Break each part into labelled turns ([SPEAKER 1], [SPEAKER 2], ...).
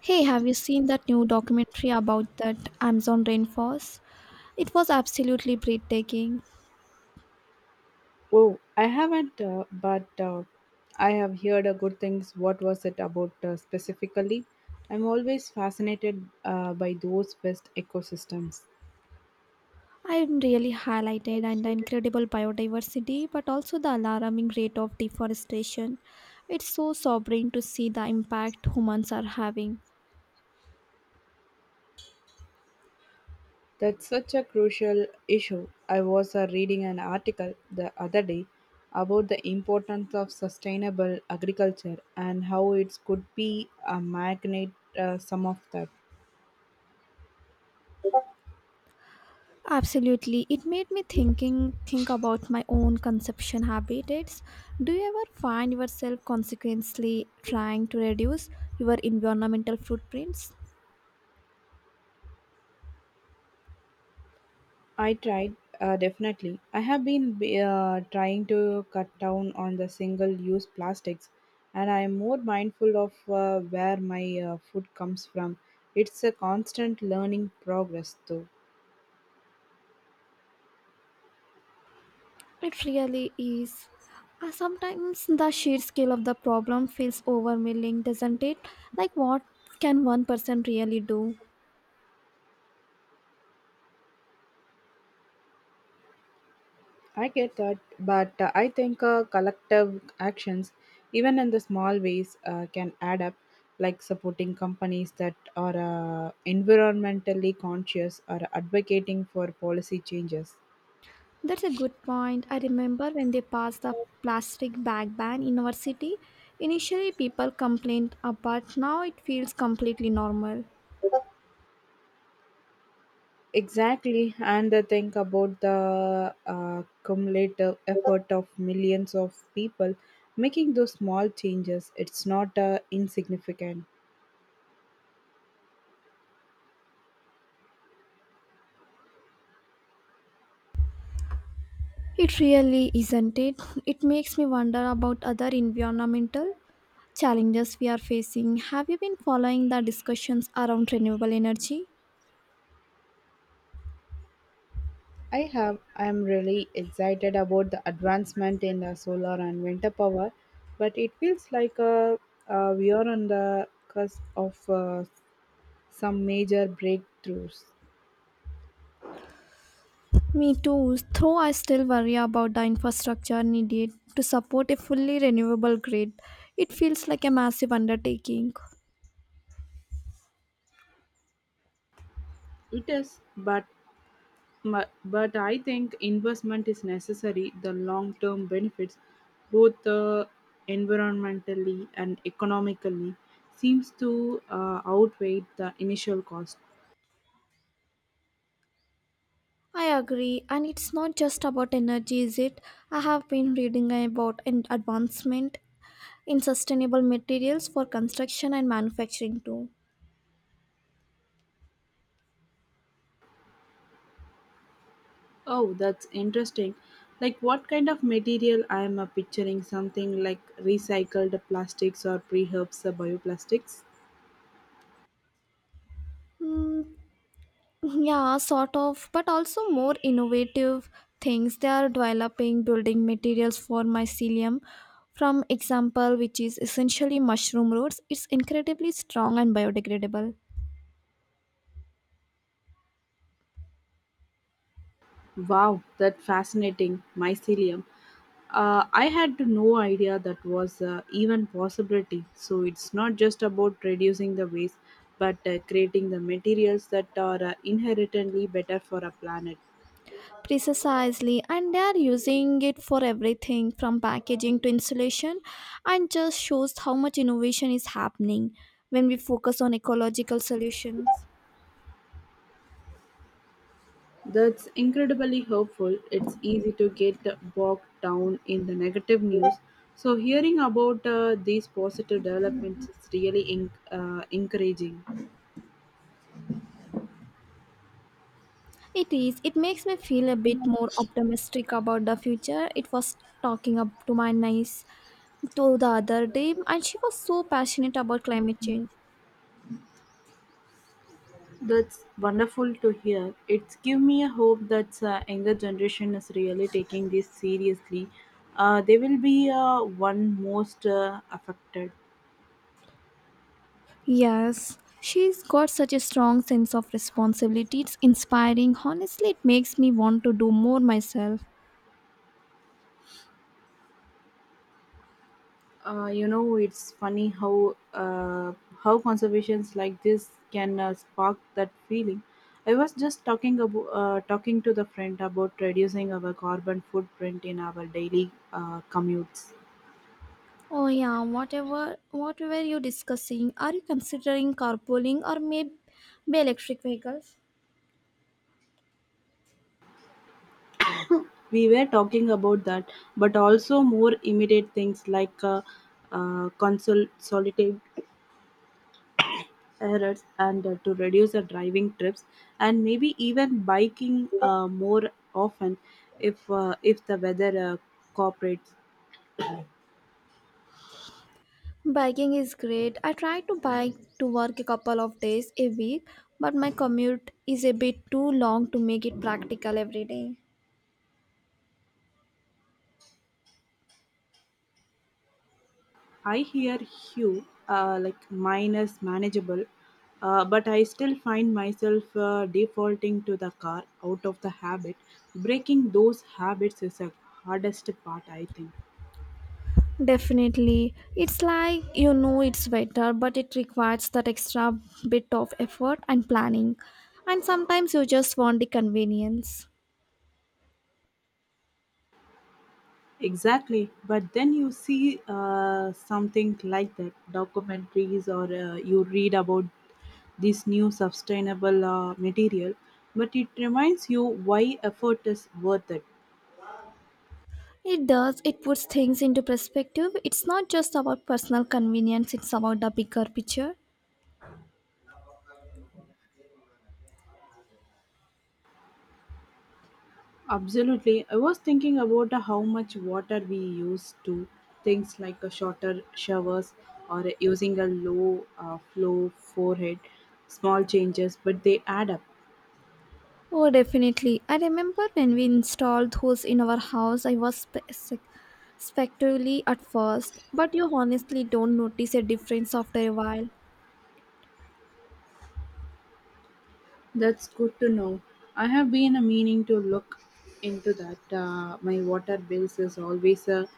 [SPEAKER 1] Hey, have you seen that new documentary about that Amazon rainforest? It was absolutely breathtaking.
[SPEAKER 2] Oh, I haven't, but I have heard good things. What was it about specifically? I'm always fascinated by those best ecosystems.
[SPEAKER 1] I really highlighted and the incredible biodiversity, but also the alarming rate of deforestation. It's so sobering to see the impact humans are having.
[SPEAKER 2] That's such a crucial issue. I was reading an article the other day about the importance of sustainable agriculture and how it could be a magnet some of that.
[SPEAKER 1] Absolutely, it made me think about my own consumption habits. Do you ever find yourself consequently trying to reduce your environmental footprints?
[SPEAKER 2] I tried, definitely. I have been trying to cut down on the single use plastics, and I am more mindful of where my food comes from. It's a constant learning progress, though.
[SPEAKER 1] It really is. Sometimes the sheer scale of the problem feels overwhelming, doesn't it? Like, what can one person really do?
[SPEAKER 2] I get that, but I think collective actions, even in the small ways, can add up, like supporting companies that are environmentally conscious or advocating for policy changes.
[SPEAKER 1] That's a good point. I remember when they passed the plastic bag ban in our city. Initially, people complained, but now it feels completely normal.
[SPEAKER 2] Exactly, and the think about the cumulative effort of millions of people making those small changes. It's not insignificant.
[SPEAKER 1] It really isn't it? It makes me wonder about other environmental challenges we are facing. Have you been following the discussions around renewable energy?
[SPEAKER 2] I have. I am really excited about the advancement in the solar and winter power, but it feels like we are on the cusp of some major breakthroughs.
[SPEAKER 1] Me too, though I still worry about the infrastructure needed to support a fully renewable grid. It feels like a massive undertaking.
[SPEAKER 2] It is, but I think investment is necessary. The long term benefits, both environmentally and economically, seems to outweigh the initial cost.
[SPEAKER 1] I agree, and it's not just about energy, is it? I have been reading about an advancement in sustainable materials for construction and manufacturing too.
[SPEAKER 2] Oh, that's interesting. Like what kind of material I am picturing? Something like recycled plastics or preherbs bioplastics?
[SPEAKER 1] Hmm, Yeah, sort of, but also more innovative things. They are developing building materials for mycelium. From example, which is essentially mushroom roots, it's incredibly strong and biodegradable.
[SPEAKER 2] Wow, that fascinating mycelium. I had no idea that was even possibility. So it's not just about reducing the waste, but creating the materials that are inherently better for our planet.
[SPEAKER 1] Precisely, and they are using it for everything from packaging to insulation, and just shows how much innovation is happening when we focus on ecological solutions.
[SPEAKER 2] That's incredibly hopeful. It's easy to get bogged down in the negative news. So hearing about these positive developments is really encouraging.
[SPEAKER 1] It is. It makes me feel a bit more optimistic about the future. It was talking up to my nice to the other day and she was so passionate about climate change.
[SPEAKER 2] That's wonderful to hear. It's give me a hope that younger generation is really taking this seriously. They will be one most affected.
[SPEAKER 1] Yes, she's got such a strong sense of responsibility. It's inspiring. Honestly, it makes me want to do more myself.
[SPEAKER 2] You know, it's funny how how conservations like this can spark that feeling. I was just talking about talking to the friend about reducing our carbon footprint in our daily commutes.
[SPEAKER 1] Oh yeah, what were you discussing? Are you considering carpooling or maybe electric vehicles?
[SPEAKER 2] We were talking about that, but also more immediate things like consolidating errors and to reduce the driving trips, and maybe even biking more often if the weather cooperates.
[SPEAKER 1] Biking is great. I try to bike to work a couple of days a week, but my commute is a bit too long to make it practical every day.
[SPEAKER 2] I hear you. Like mine is manageable, but I still find myself defaulting to the car out of the habit. Breaking those habits is the hardest part, I think.
[SPEAKER 1] Definitely. It's like you know it's better, but it requires that extra bit of effort and planning. And sometimes you just want the convenience.
[SPEAKER 2] Exactly. But then you see something like that documentaries, or you read about this new sustainable material, but it reminds you why effort is worth it.
[SPEAKER 1] It does, it puts things into perspective. It's not just about personal convenience, it's about the bigger picture.
[SPEAKER 2] Absolutely. I was thinking about how much water we use to things like a shorter showers or using a low flow forehead, small changes, but they add up.
[SPEAKER 1] Oh, definitely. I remember when we installed those in our house, I was spectrally at first, but you honestly don't notice a difference after a while.
[SPEAKER 2] That's good to know. I have been a meaning to look into that. My water bills is always a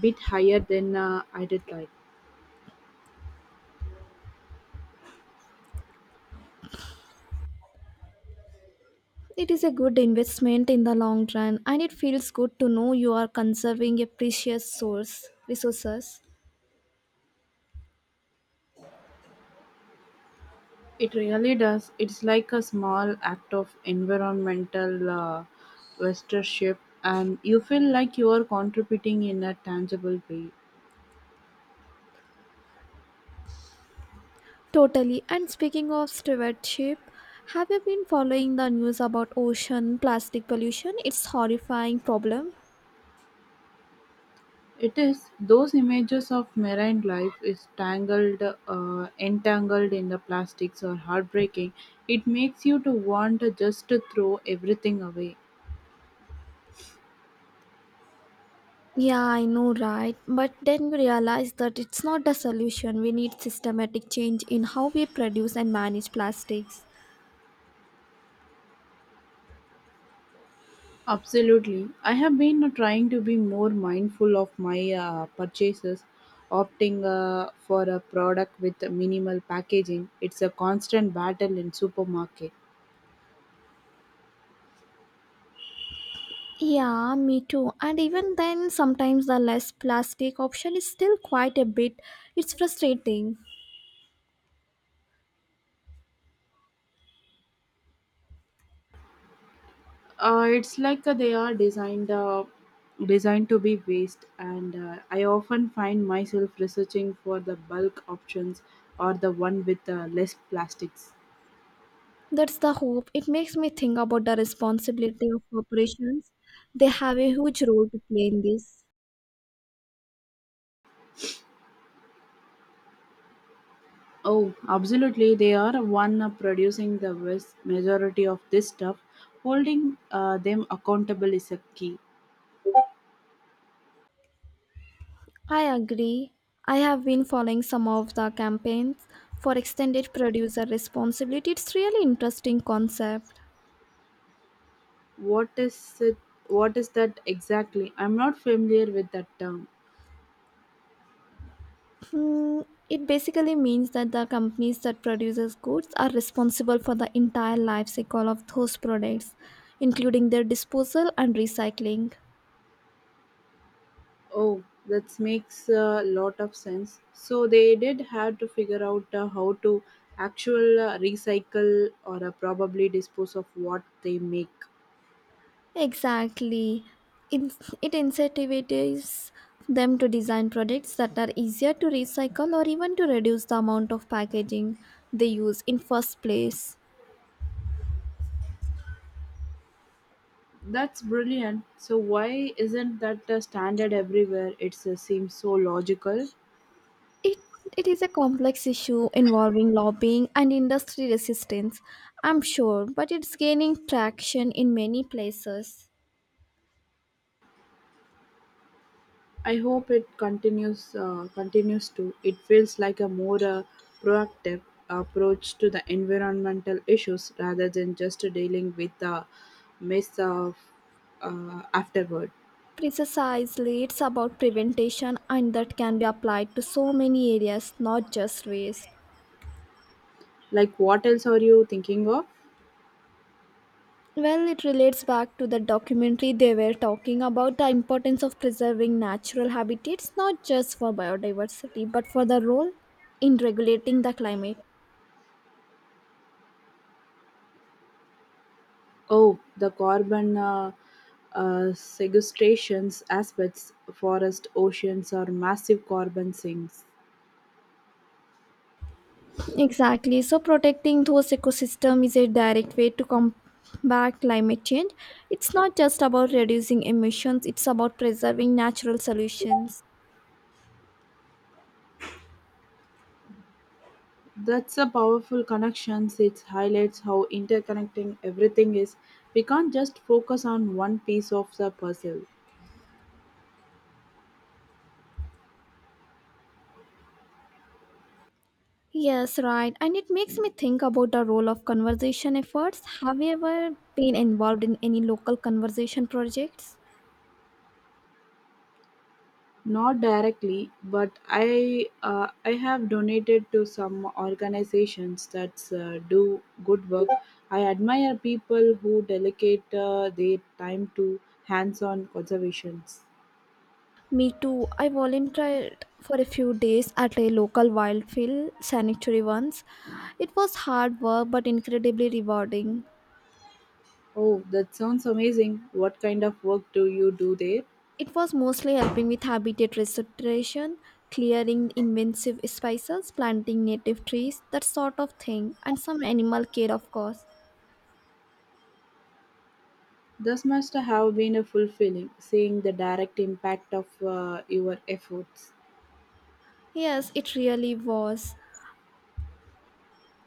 [SPEAKER 2] bit higher than I did like.
[SPEAKER 1] It is a good investment in the long run, and it feels good to know you are conserving a precious source resources.
[SPEAKER 2] It really does. It's like a small act of environmental stewardship, and you feel like you are contributing in a tangible way.
[SPEAKER 1] Totally. And speaking of stewardship, have you been following the news about ocean plastic pollution? It's horrifying problem.
[SPEAKER 2] It is those images of marine life is tangled, entangled in the plastics are heartbreaking. It makes you to want to just to throw everything away.
[SPEAKER 1] Yeah, I know, right? But then we realize that it's not the solution. We need systematic change in how we produce and manage plastics.
[SPEAKER 2] Absolutely, I have been trying to be more mindful of my purchases, opting for a product with minimal packaging. It's a constant battle in supermarket.
[SPEAKER 1] Yeah, me too. And even then, sometimes the less plastic option is still quite a bit. It's frustrating.
[SPEAKER 2] It's like they are designed designed to be waste, and I often find myself researching for the bulk options or the one with less plastics.
[SPEAKER 1] That's the hope. It makes me think about the responsibility of corporations. They have a huge role to play in this.
[SPEAKER 2] Oh, absolutely! They are one producing the vast majority of this stuff. Holding them accountable is a key.
[SPEAKER 1] I agree. I have been following some of the campaigns for extended producer responsibility. It's really interesting concept.
[SPEAKER 2] What is it? What is that exactly? I'm not familiar with that term.
[SPEAKER 1] Hmm, it basically means that the companies that produces goods are responsible for the entire life cycle of those products, including their disposal and recycling.
[SPEAKER 2] Oh, that makes a lot of sense. So they did have to figure out how to actual recycle or probably dispose of what they make.
[SPEAKER 1] Exactly. It, it incentivizes them to design products that are easier to recycle or even to reduce the amount of packaging they use in first place.
[SPEAKER 2] That's brilliant. So why isn't that standard everywhere? It seems so logical.
[SPEAKER 1] It it is a complex issue involving lobbying and industry resistance, I'm sure, but it's gaining traction in many places.
[SPEAKER 2] I hope it continues to. It feels like a more proactive approach to the environmental issues rather than just dealing with the mess of afterward.
[SPEAKER 1] Precisely, it's about prevention and that can be applied to so many areas, not just waste.
[SPEAKER 2] Like what else are you thinking of?
[SPEAKER 1] Well, it relates back to the documentary they were talking about the importance of preserving natural habitats, not just for biodiversity, but for the role in regulating the climate.
[SPEAKER 2] Oh, the carbon sequestrations aspects, forest, oceans, or massive carbon sinks.
[SPEAKER 1] Exactly. So protecting those ecosystems is a direct way to combat climate change. It's not just about reducing emissions, it's about preserving natural solutions.
[SPEAKER 2] That's a powerful connection. It highlights how interconnecting everything is. We can't just focus on one piece of the puzzle.
[SPEAKER 1] Yes, right. And it makes me think about the role of conservation efforts. Have you ever been involved in any local conservation projects?
[SPEAKER 2] Not directly, but I have donated to some organizations that do good work. I admire people who dedicate their time to hands-on conservations.
[SPEAKER 1] Me too. I volunteered for a few days at a local wildlife sanctuary once. It was hard work but incredibly rewarding.
[SPEAKER 2] Oh, that sounds amazing. What kind of work do you do there?
[SPEAKER 1] It was mostly helping with habitat restoration, clearing invasive species, planting native trees, that sort of thing, and some animal care, of course.
[SPEAKER 2] This must have been a fulfilling, seeing the direct impact of your efforts.
[SPEAKER 1] Yes, it really was.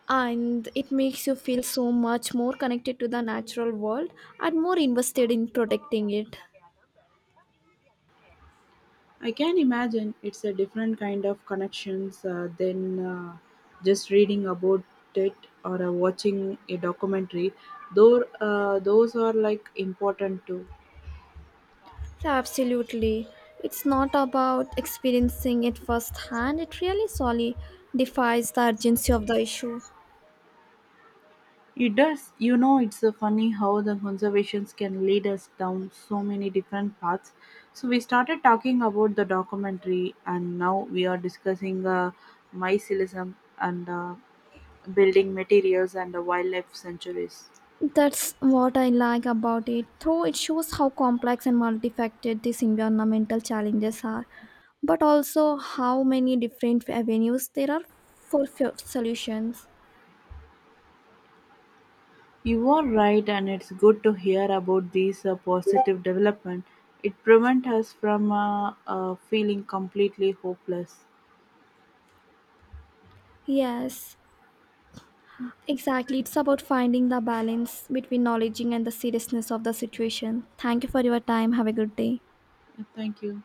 [SPEAKER 1] And it makes you feel so much more connected to the natural world and more invested in protecting it.
[SPEAKER 2] I can imagine it's a different kind of connections than just reading about it or watching a documentary. Though those are like important too.
[SPEAKER 1] Absolutely. It's not about experiencing it firsthand, it really solely defies the urgency of the issue.
[SPEAKER 2] It does. You know, it's funny how the conservations can lead us down so many different paths. So we started talking about the documentary, and now we are discussing mycelium and building materials and the wildlife centuries.
[SPEAKER 1] That's what I like about it, though it shows how complex and multifaceted these environmental challenges are, but also how many different avenues there are for solutions.
[SPEAKER 2] You are right, and it's good to hear about these positive development. It prevents us from feeling completely hopeless.
[SPEAKER 1] Yes, exactly. It's about finding the balance between knowledge and the seriousness of the situation. Thank you for your time. Have a good day.
[SPEAKER 2] Thank you.